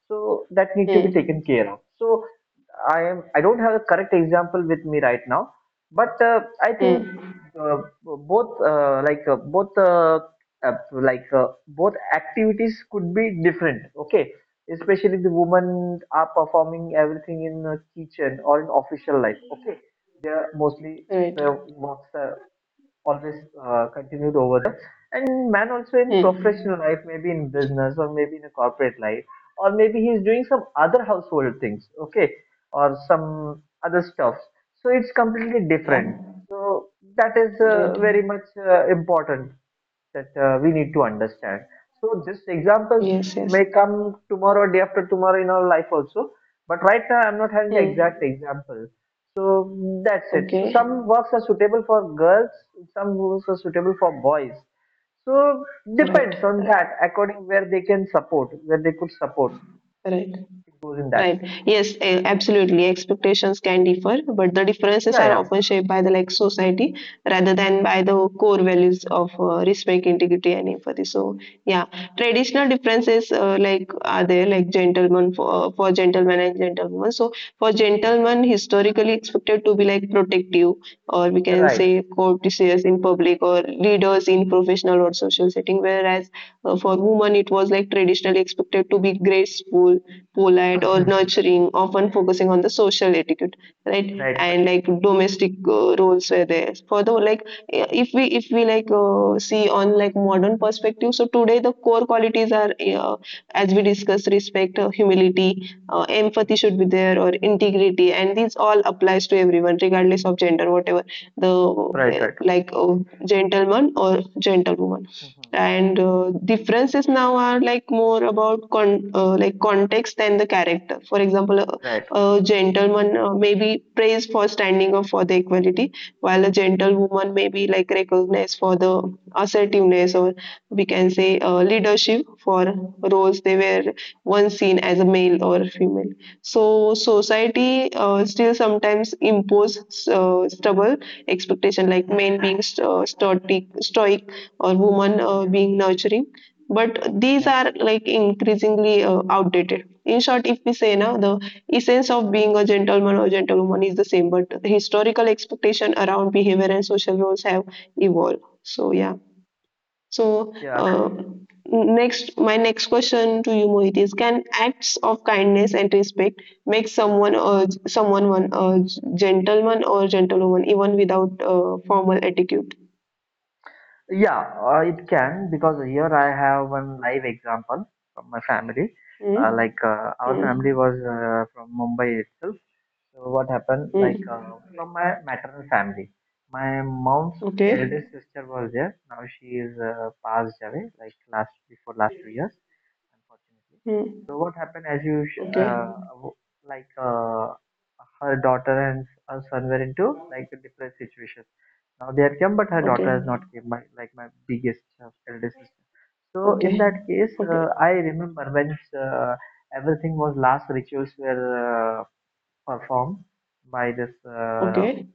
Speaker 2: so that need to be
Speaker 1: Hmm.
Speaker 2: taken care of. So I don't have a correct example with me right now, but I think
Speaker 1: Hmm.
Speaker 2: uh, both like both uh, like both activities could be different, okay? Especially the women are performing everything in the kitchen or in official life, okay? They are mostly
Speaker 1: Right.
Speaker 2: their works always continued over there. And man also in
Speaker 1: Hmm.
Speaker 2: professional life, maybe in business or maybe in a corporate life, or maybe he's doing some other household things, okay, or some other stuff. So it's completely
Speaker 1: Yeah.
Speaker 2: different. So that is
Speaker 1: Right.
Speaker 2: very much important that we need to understand. So these examples
Speaker 1: Yes. Yes.
Speaker 2: may come tomorrow, or day after tomorrow in our life also. But right now, I'm not having the exact
Speaker 1: Hmm.
Speaker 2: example. So that's it. So
Speaker 1: Okay.
Speaker 2: some works are suitable for girls, some works are suitable for boys. So
Speaker 1: Right.
Speaker 2: depends on
Speaker 1: Right.
Speaker 2: that, according where they can support, where they could support.
Speaker 1: Right.
Speaker 2: It goes in that
Speaker 1: Right.
Speaker 2: way.
Speaker 1: Yes, a- absolutely. Expectations can differ, but the differences
Speaker 2: Yeah,
Speaker 1: are
Speaker 2: yeah.
Speaker 1: often shaped by the like society rather than by the core values of respect, integrity, and empathy. So, yeah, traditional differences like are there, like gentlemen for gentlemen and gentlewomen. So, for gentlemen, historically expected to be like protective, or we
Speaker 2: Hmm.
Speaker 1: can
Speaker 2: Right.
Speaker 1: say courteous in public, or leaders in professional or social setting. Whereas for women, it was like traditionally expected to be graceful, polite or
Speaker 2: [laughs]
Speaker 1: nurturing, often focusing on the social etiquette, right?
Speaker 2: Right. Right.
Speaker 1: And like domestic roles were there. Further, like if we see on like modern perspective, so today the core qualities are as we discussed, respect, humility, empathy should be there, or integrity, and these all applies to everyone regardless of gender, whatever the
Speaker 2: Right. Right.
Speaker 1: gentleman or gentlewoman,
Speaker 2: Mhm.
Speaker 1: and differences now are like more about context than the character. For example,
Speaker 2: Right.
Speaker 1: a gentleman may be praised for standing up for the equality, while a gentlewoman may be like recognized for the assertiveness or we can say leadership for roles they were once seen as a male or female. So society still sometimes impose stubborn expectation like men being stoic or women
Speaker 2: Yeah.
Speaker 1: being nurturing, but these
Speaker 2: Yeah.
Speaker 1: are like increasingly outdated. In short, if we say now the essence of being a gentleman or gentlewoman is the same, but historical expectation around behavior and social roles have evolved. So yeah, so
Speaker 2: Yeah.
Speaker 1: next my next question to you, Mohit, is can acts of kindness and respect make someone one a gentleman or gentlewoman even without formal etiquette?
Speaker 2: Yeah, it can, because here I have one live example from my family.
Speaker 1: Hmm?
Speaker 2: Our family
Speaker 1: Hmm.
Speaker 2: was from Mumbai itself. So what happened?
Speaker 1: Hmm.
Speaker 2: Like from my maternal family, my mom's
Speaker 1: Okay.
Speaker 2: eldest sister was there. Now she is passed away, like last before last 2 years, unfortunately.
Speaker 1: Hmm.
Speaker 2: So what happened? As you sh-
Speaker 1: Okay.
Speaker 2: w- like Her daughter and her son were into like a depressed situation. Now they are come, but her daughter
Speaker 1: Okay.
Speaker 2: has not came. My biggest elder sister. So in
Speaker 1: Okay.
Speaker 2: that case,
Speaker 1: Okay.
Speaker 2: I remember when everything was, last rituals were performed by this.
Speaker 1: Okay.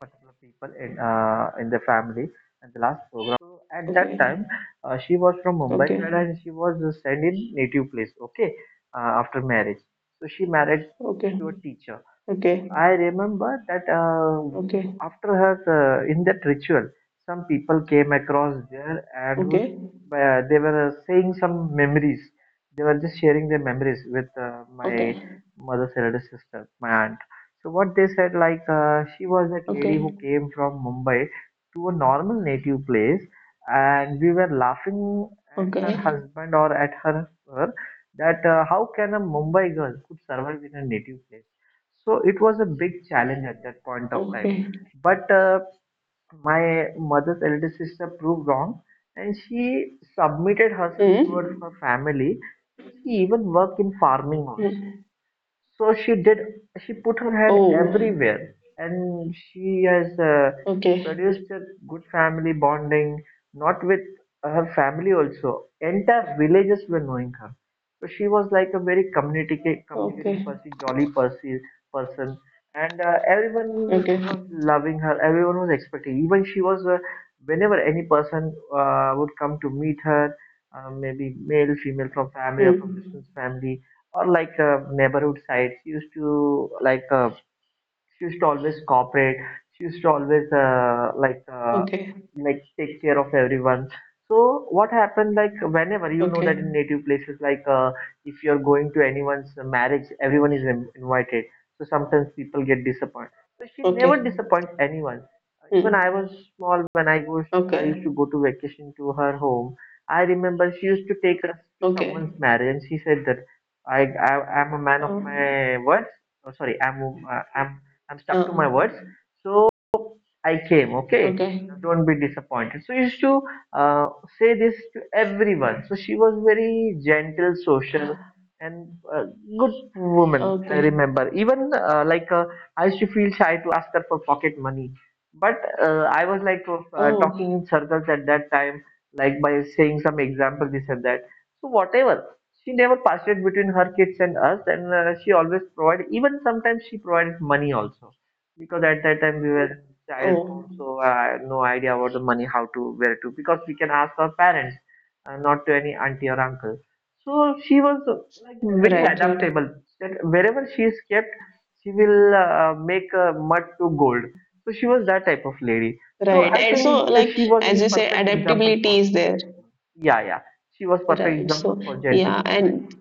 Speaker 2: Particular people in the family and the last program we were there. So at that
Speaker 1: Okay.
Speaker 2: time she was from Mumbai
Speaker 1: Okay.
Speaker 2: side
Speaker 1: Okay.
Speaker 2: and she was sent in native place. Okay, after marriage, so she married
Speaker 1: Okay. Okay.
Speaker 2: to a teacher. So
Speaker 1: Okay.
Speaker 2: I remember that after her in that ritual, some people came across there and who
Speaker 1: Okay.
Speaker 2: they were saying some memories, they were just sharing their memories with my mother's elder sister, my aunt. So what they said, like she was that lady who
Speaker 1: Okay.
Speaker 2: came from Mumbai to a normal native place, and we were laughing at her
Speaker 1: Okay.
Speaker 2: husband or at her that how can a Mumbai girl could survive in a native place. So it was a big challenge at that point of time.
Speaker 1: Okay.
Speaker 2: But my mother's elder sister proved wrong, and she submitted herself towards
Speaker 1: Hmm.
Speaker 2: her family, and she even worked in farming also.
Speaker 1: Mm.
Speaker 2: So she did. She put her hand
Speaker 1: Oh.
Speaker 2: everywhere, and she has
Speaker 1: Okay.
Speaker 2: produced a good family bonding, not with her family also. Entire villages were knowing her. So she was like a very communicating
Speaker 1: Okay.
Speaker 2: person, jolly person, and everyone
Speaker 1: Okay.
Speaker 2: was loving her. Everyone was expecting. Even she was, whenever any person would come to meet her, maybe male, female from family or from
Speaker 1: Hmm.
Speaker 2: distant family or like neighborhood sites, used to like she used to always cooperate, she used to always
Speaker 1: Okay.
Speaker 2: like take care of everyone. So what happened, like whenever you know that
Speaker 1: Okay.
Speaker 2: in native places, like if you're going to anyone's marriage, everyone is invited. So sometimes people get disappointed, so she
Speaker 1: Okay.
Speaker 2: never disappoints anyone. Even I
Speaker 1: Hmm.
Speaker 2: was small when I was I used to
Speaker 1: Okay.
Speaker 2: go to vacation to her home. I remember she used to take us to someone's
Speaker 1: Okay.
Speaker 2: marriage and she said that i, I I'm a man of
Speaker 1: Oh.
Speaker 2: my words. Oh, sorry, I'm a- I'm stuck to my words.
Speaker 1: Oh.
Speaker 2: So I came, okay.
Speaker 1: Okay.
Speaker 2: Now don't be disappointed. So you used to uh, say this to everyone. So she was very gentle, social,
Speaker 1: Ah.
Speaker 2: and uh, good woman, I
Speaker 1: Okay.
Speaker 2: remember. Even I used to feel shy to ask her for pocket money, but I was like
Speaker 1: Oh.
Speaker 2: talking in circles at that time, like by saying some example, this and that. So whatever, she never passed it between her kids and us and she always provided. Even sometimes she provided money also, because at that time we were child form,
Speaker 1: Oh.
Speaker 2: so I had no idea about the money, how to, where to, because we can ask our parents, not to any auntie or uncle. So she was like very
Speaker 1: Right. Right.
Speaker 2: adaptable, that wherever she is kept she will make mud to gold. So she was that type of lady. So
Speaker 1: Right.
Speaker 2: I
Speaker 1: And so,
Speaker 2: think that
Speaker 1: like,
Speaker 2: she was
Speaker 1: as
Speaker 2: a
Speaker 1: you say,
Speaker 2: perfect example for,
Speaker 1: adaptability is there.
Speaker 2: yeah, yeah, she was perfect
Speaker 1: Right.
Speaker 2: example
Speaker 1: So,
Speaker 2: for
Speaker 1: yeah.
Speaker 2: gentlewoman, I
Speaker 1: And
Speaker 2: think.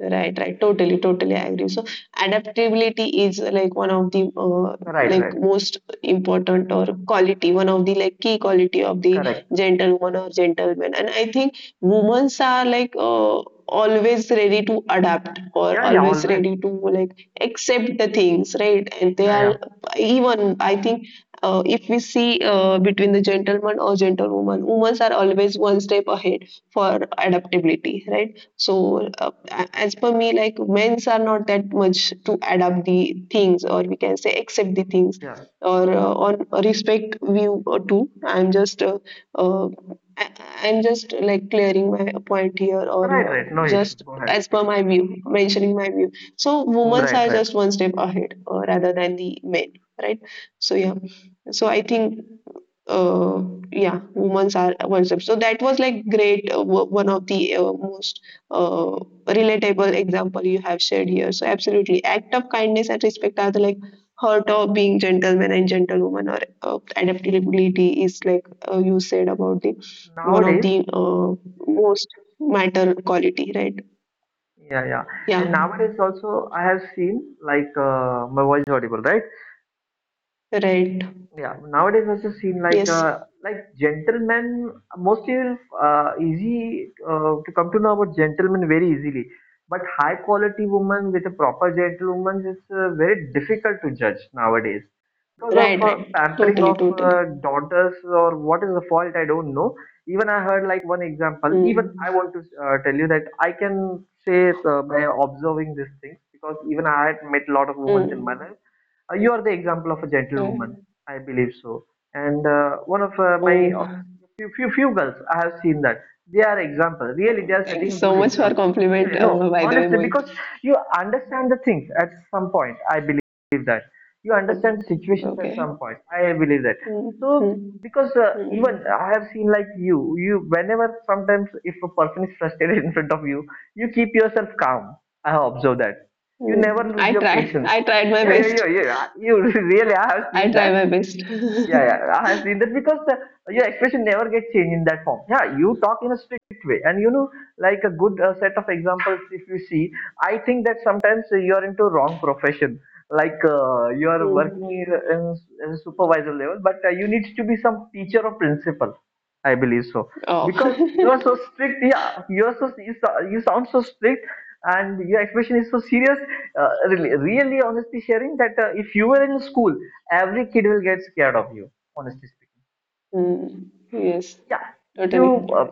Speaker 1: right, right. Totally, totally. I agree. So adaptability is like one of the
Speaker 2: Right,
Speaker 1: like
Speaker 2: right.
Speaker 1: most important or quality, one of the like key quality of the
Speaker 2: Correct.
Speaker 1: gentlewoman or gentleman. And I think women are like always ready to adapt or
Speaker 2: Yeah, yeah. Always.
Speaker 1: always ready to like accept the things, right? And they
Speaker 2: Yeah,
Speaker 1: are
Speaker 2: yeah,
Speaker 1: even I think if we see between the gentleman or gentlewoman, women are always one step ahead for adaptability, right? So, as per me, like men's are not that much to adapt the things, or we can say accept the things,
Speaker 2: yeah.
Speaker 1: or
Speaker 2: Uh,
Speaker 1: on respect view or two. I'm just uh, I- I'm just like clearing my point here, or
Speaker 2: Right, right. No issue.
Speaker 1: just
Speaker 2: Go ahead.
Speaker 1: as per
Speaker 2: Explain.
Speaker 1: my view, mentioning my view. So, women
Speaker 2: Right,
Speaker 1: are
Speaker 2: right.
Speaker 1: just one step ahead rather than the men, right? So, yeah. So, I think uh yeah, women's are one step, so that was like great one of the most uh, relatable example you have shared here. So absolutely, act of kindness and respect are the like heart of being gentleman and gentlewoman, or adaptability is like you said about the one of
Speaker 2: Nowadays,
Speaker 1: the most matter quality, right?
Speaker 2: yeah, yeah. And
Speaker 1: Yeah,
Speaker 2: nowadays also, I have seen like my voice audible, right?
Speaker 1: right.
Speaker 2: Yeah, nowadays also seen
Speaker 1: Yes,
Speaker 2: like gentlemen mostly easy to come to know about gentlemen very easily, but high quality woman with a proper gentlewoman is very difficult to judge nowadays because of
Speaker 1: right, right.
Speaker 2: pampering
Speaker 1: Totally,
Speaker 2: of
Speaker 1: totally.
Speaker 2: daughters, or what is the fault, I don't know. Even I heard like one example. Even
Speaker 1: Mm.
Speaker 2: I want to tell you that I can say by observing these things, because even I had met a lot of women in my
Speaker 1: Mm.
Speaker 2: life. You are the example of a gentlewoman,
Speaker 1: Right.
Speaker 2: I believe so. And one of my
Speaker 1: Oh,
Speaker 2: office, few girls, I have seen that they are example. Really,
Speaker 1: oh,
Speaker 2: they are
Speaker 1: thank you
Speaker 2: setting a
Speaker 1: so
Speaker 2: good
Speaker 1: much for
Speaker 2: example. Yeah,
Speaker 1: compliment.
Speaker 2: no,
Speaker 1: By the way,
Speaker 2: honestly,
Speaker 1: Mohit.
Speaker 2: because you understand the things at some point. I believe that you understand
Speaker 1: Oh,
Speaker 2: the situations at
Speaker 1: okay.
Speaker 2: some point. I believe that.
Speaker 1: Mm.
Speaker 2: So
Speaker 1: Mm.
Speaker 2: because
Speaker 1: Mm.
Speaker 2: even I have seen like you, whenever sometimes if a person is frustrated [laughs] in front of you, you keep yourself calm. I have observed that. You never
Speaker 1: Mm.
Speaker 2: lose
Speaker 1: I
Speaker 2: your
Speaker 1: tried.
Speaker 2: patience.
Speaker 1: I tried my
Speaker 2: Yeah, yeah,
Speaker 1: best.
Speaker 2: yeah, yeah. You [laughs] really, I have
Speaker 1: I
Speaker 2: seen
Speaker 1: try
Speaker 2: that.
Speaker 1: my best.
Speaker 2: Yeah, yeah, I have
Speaker 1: [laughs]
Speaker 2: seen that, because the, your expression never gets changed in that form. Yeah, you talk in a strict way, and you know, like a good set of examples. If you see, I think that sometimes you are into wrong profession. Like you are working
Speaker 1: Mm.
Speaker 2: in, in a supervisor level, but you need to be some teacher or principal, I believe so.
Speaker 1: Oh.
Speaker 2: Because you are
Speaker 1: [laughs]
Speaker 2: so strict, yeah, you are you sound so strict, and your expression is so serious. Really, really, honestly, sharing that if you were in school, every kid will get scared of you. Honestly speaking,
Speaker 1: Mm. Yes,
Speaker 2: yeah,
Speaker 1: totally.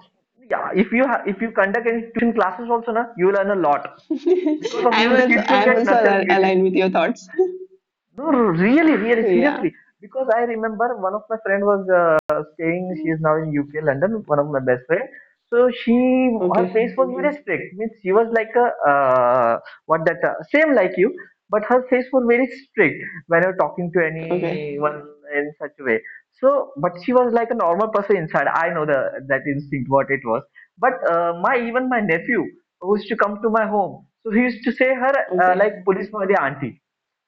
Speaker 2: yeah, if if you conduct any tuition classes also, na, you will learn a lot. Because
Speaker 1: [laughs]
Speaker 2: of you, the kids will
Speaker 1: I'm
Speaker 2: get
Speaker 1: also
Speaker 2: nurtured.
Speaker 1: aligned with your thoughts.
Speaker 2: No, no, no, really,
Speaker 1: [laughs]
Speaker 2: really,
Speaker 1: Yeah.
Speaker 2: seriously. Because I remember one of my friend was staying. She is now in UK, London. One of my best friend. So she, her pace
Speaker 1: Okay.
Speaker 2: was very strict. Means she was like a what that same like you, but her face was very strict when you're talking to
Speaker 1: Okay.
Speaker 2: anyone in such a way. So, but she was like a normal person inside. I know the that instinct what it was. But my even my nephew who used to come to my home, so he used to say her
Speaker 1: Okay.
Speaker 2: like police the auntie,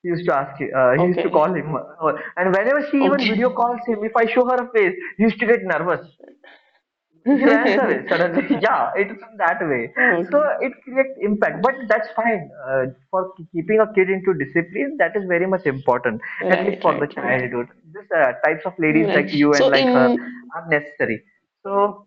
Speaker 2: he used to ask, him, he used to call
Speaker 1: Okay.
Speaker 2: him, and whenever she even video
Speaker 1: Okay. [laughs]
Speaker 2: calls him, if I show her a face, he used to get nervous. He runs away suddenly. [laughs] Yeah, it's that way. So
Speaker 1: Okay.
Speaker 2: it creates impact, but
Speaker 1: Okay.
Speaker 2: that's fine. For keeping a kid into discipline, that is very much important, at
Speaker 1: Right,
Speaker 2: least for the
Speaker 1: right, right.
Speaker 2: childhood. This types of ladies like
Speaker 1: Right.
Speaker 2: you and
Speaker 1: So
Speaker 2: like her
Speaker 1: in
Speaker 2: are necessary. So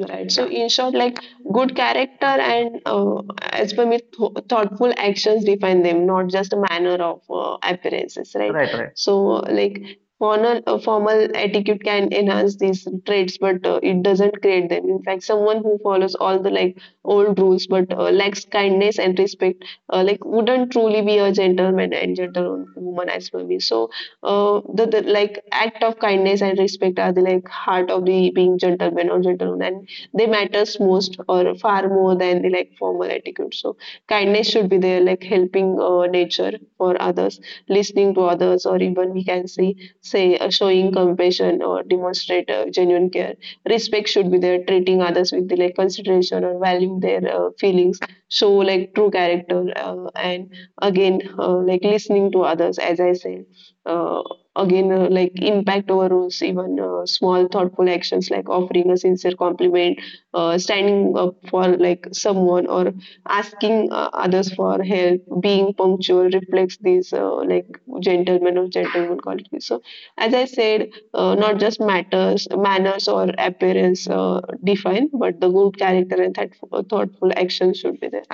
Speaker 1: right. So,
Speaker 2: yeah,
Speaker 1: in short, like good character and as per me, thoughtful actions define them, not just a manner of appearances, right?
Speaker 2: right, right.
Speaker 1: So, like formal etiquette can enhance these traits, but it doesn't create them. In fact, someone who follows all the like old rules but lacks kindness and respect, like wouldn't truly be a gentleman and gentlewoman as per me. So, the like act of kindness and respect are the like heart of the being gentleman or gentlewoman, and they matters most or far more than the like formal etiquette. So kindness should be there, like helping nature for others, listening to others, or even we can say showing compassion or demonstrate genuine care. Respect should be there, treating others with the like consideration or valuing their feelings show like true character, and again like listening to others as I said. uh, Again, like impact over rules, even small thoughtful actions like offering a sincere compliment, standing up for like someone or asking others for help, being punctual reflects these like gentlemen or gentleman qualities. So as I said, not just matters manners or appearance define, but the good character and thoughtful action should be there.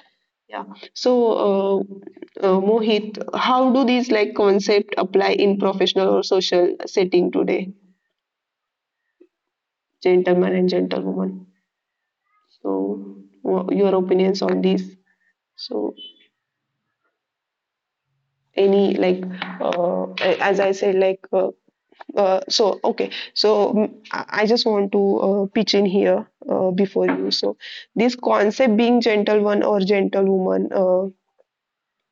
Speaker 1: So uh, Mohit, how do these like concept apply in professional or social setting today, gentleman and gentlewoman? So your opinions on these? So any like as I said, like so okay, so I just want to pitch in here before you. So this concept being gentle one or gentle woman,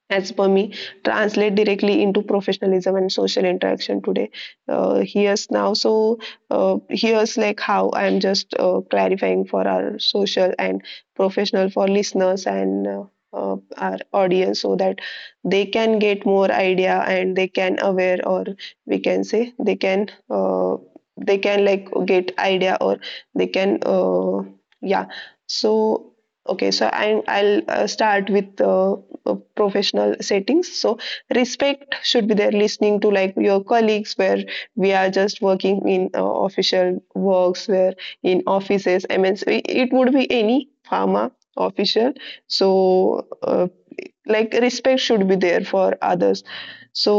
Speaker 1: as per me, translate directly into professionalism and social interaction today. Here's now, so here's like how I'm just clarifying for our social and professional for listeners and our audience, so that they can get more idea and they can aware, or we can say they can like get idea, or they can yeah. So okay, so I'll start with professional settings. So respect should be there, listening to like your colleagues, where we are just working in official works where in offices, MNC, it would be any pharma official. So like respect should be there for others, so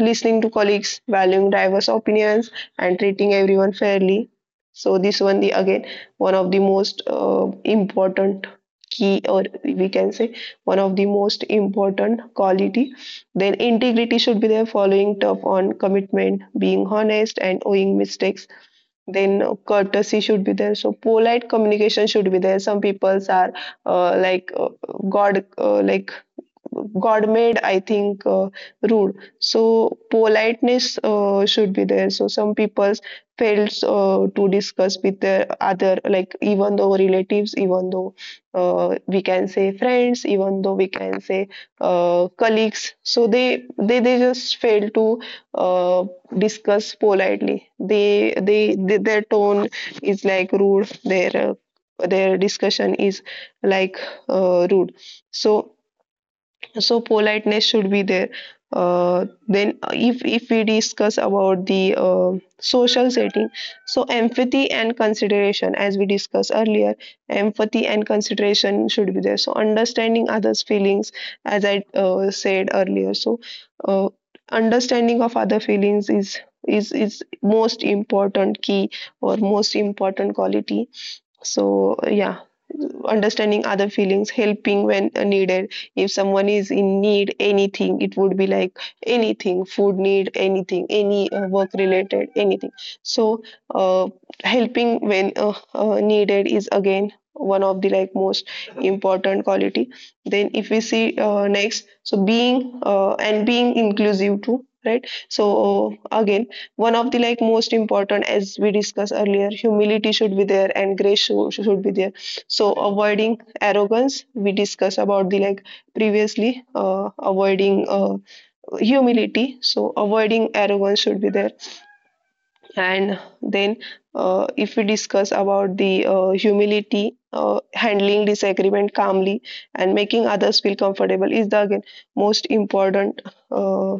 Speaker 1: listening to colleagues, valuing diverse opinions and treating everyone fairly. So this one, the again one of the most important key, or we can say one of the most important quality. Then integrity should be there, following tough on commitment, being honest and owing mistakes. Then courtesy should be there, so polite communication should be there. Some people are like god like God made, I think, rude. So politeness should be there. So some people fails to discuss with their other, like even though relatives, even though we can say friends, even though we can say colleagues. So they just fail to uh, discuss politely. They their tone is like rude. Their discussion is like rude. So so politeness should be there, then if we discuss about the social setting, so empathy and consideration, as we discussed earlier, empathy and consideration should be there. So understanding others feelings, as I said earlier, so uh, understanding of other feelings is most important key or most important quality. So yeah, understanding other feelings, helping when needed. If someone is in need anything, it would be like anything, food need anything, any work related anything. So uh, helping when needed is again one of the like most important quality. Then if we see next, so being and being inclusive too, right? So again one of the like most important. As we discussed earlier, humility should be there and grace should be there. So avoiding arrogance, we discussed about the like previously, avoiding humility, so avoiding arrogance should be there. And then if we discuss about the humility, handling disagreement calmly and making others feel comfortable is the again most important uh,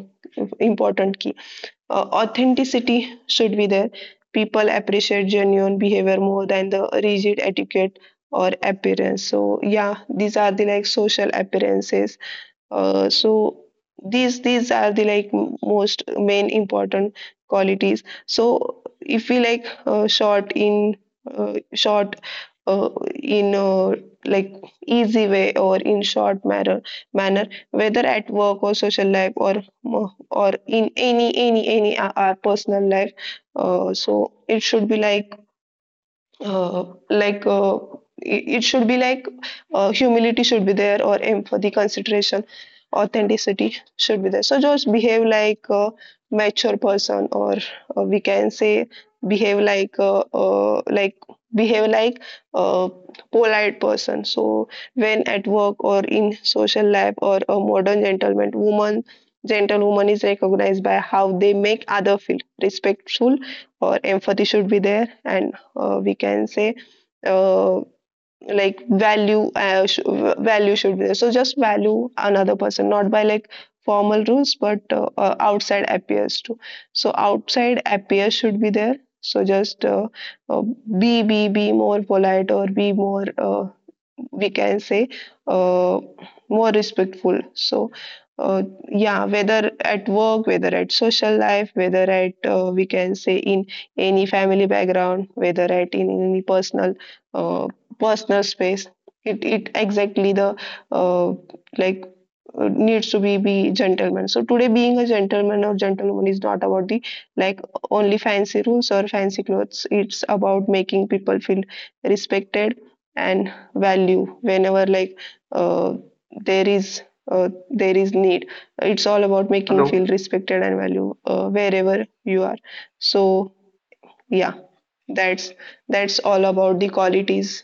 Speaker 1: important key. Uh, authenticity should be there. People appreciate genuine behavior more than the rigid etiquette or appearance. So yeah, these are the like social appearances, so these are the like most main important qualities. So if we like short in short uh, in like easy way or in short manner, whether at work or social life or or in any any our personal life, so it should be like it it should be like humility should be there, or empathy, consideration, authenticity should be there. So just behave like a mature person, or we can say behave like a, like behave like a polite person. So when at work or in social life or a modern gentleman woman gentlewoman is recognized by how they make other feel, respectful or empathy should be there, and we can say uh, like value, value should be there. So just value another person not by like formal rules, but outside appears to. So outside appears should be there, so just uh, be be more polite or be more we can say uh, more respectful. So uh, yeah, whether at work, whether at social life, whether at we can say in any family background, whether at in any personal uh, personal space, it exactly the uh, like needs to be gentleman. So today being a gentleman or gentlewoman is not about the like only fancy rules or fancy clothes. It's about making people feel respected and value, whenever like uh, there is there is need. It's all about making
Speaker 2: Hello,
Speaker 1: feel respected and value wherever you are. So yeah, that's that's all about the qualities,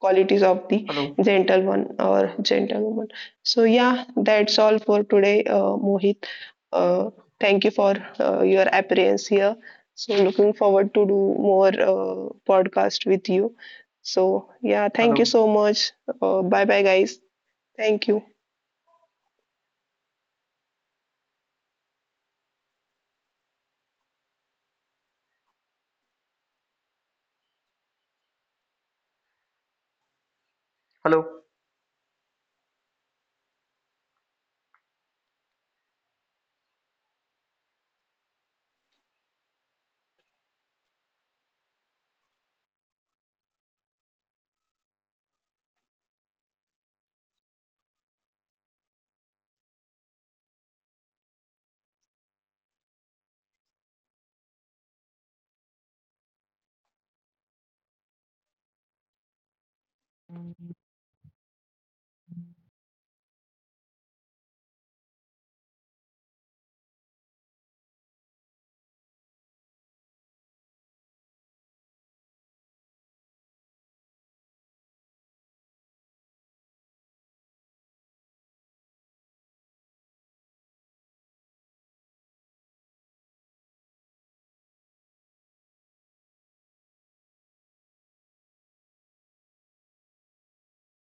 Speaker 1: qualities of the
Speaker 2: hello,
Speaker 1: gentleman or gentlewoman. So yeah, that's all for today. Mohit, uh, thank you for your appearance here. So, looking forward to do more podcast with you. So, yeah, thank you
Speaker 2: hello,
Speaker 1: so much. Bye bye, guys. Thank you.
Speaker 2: hello.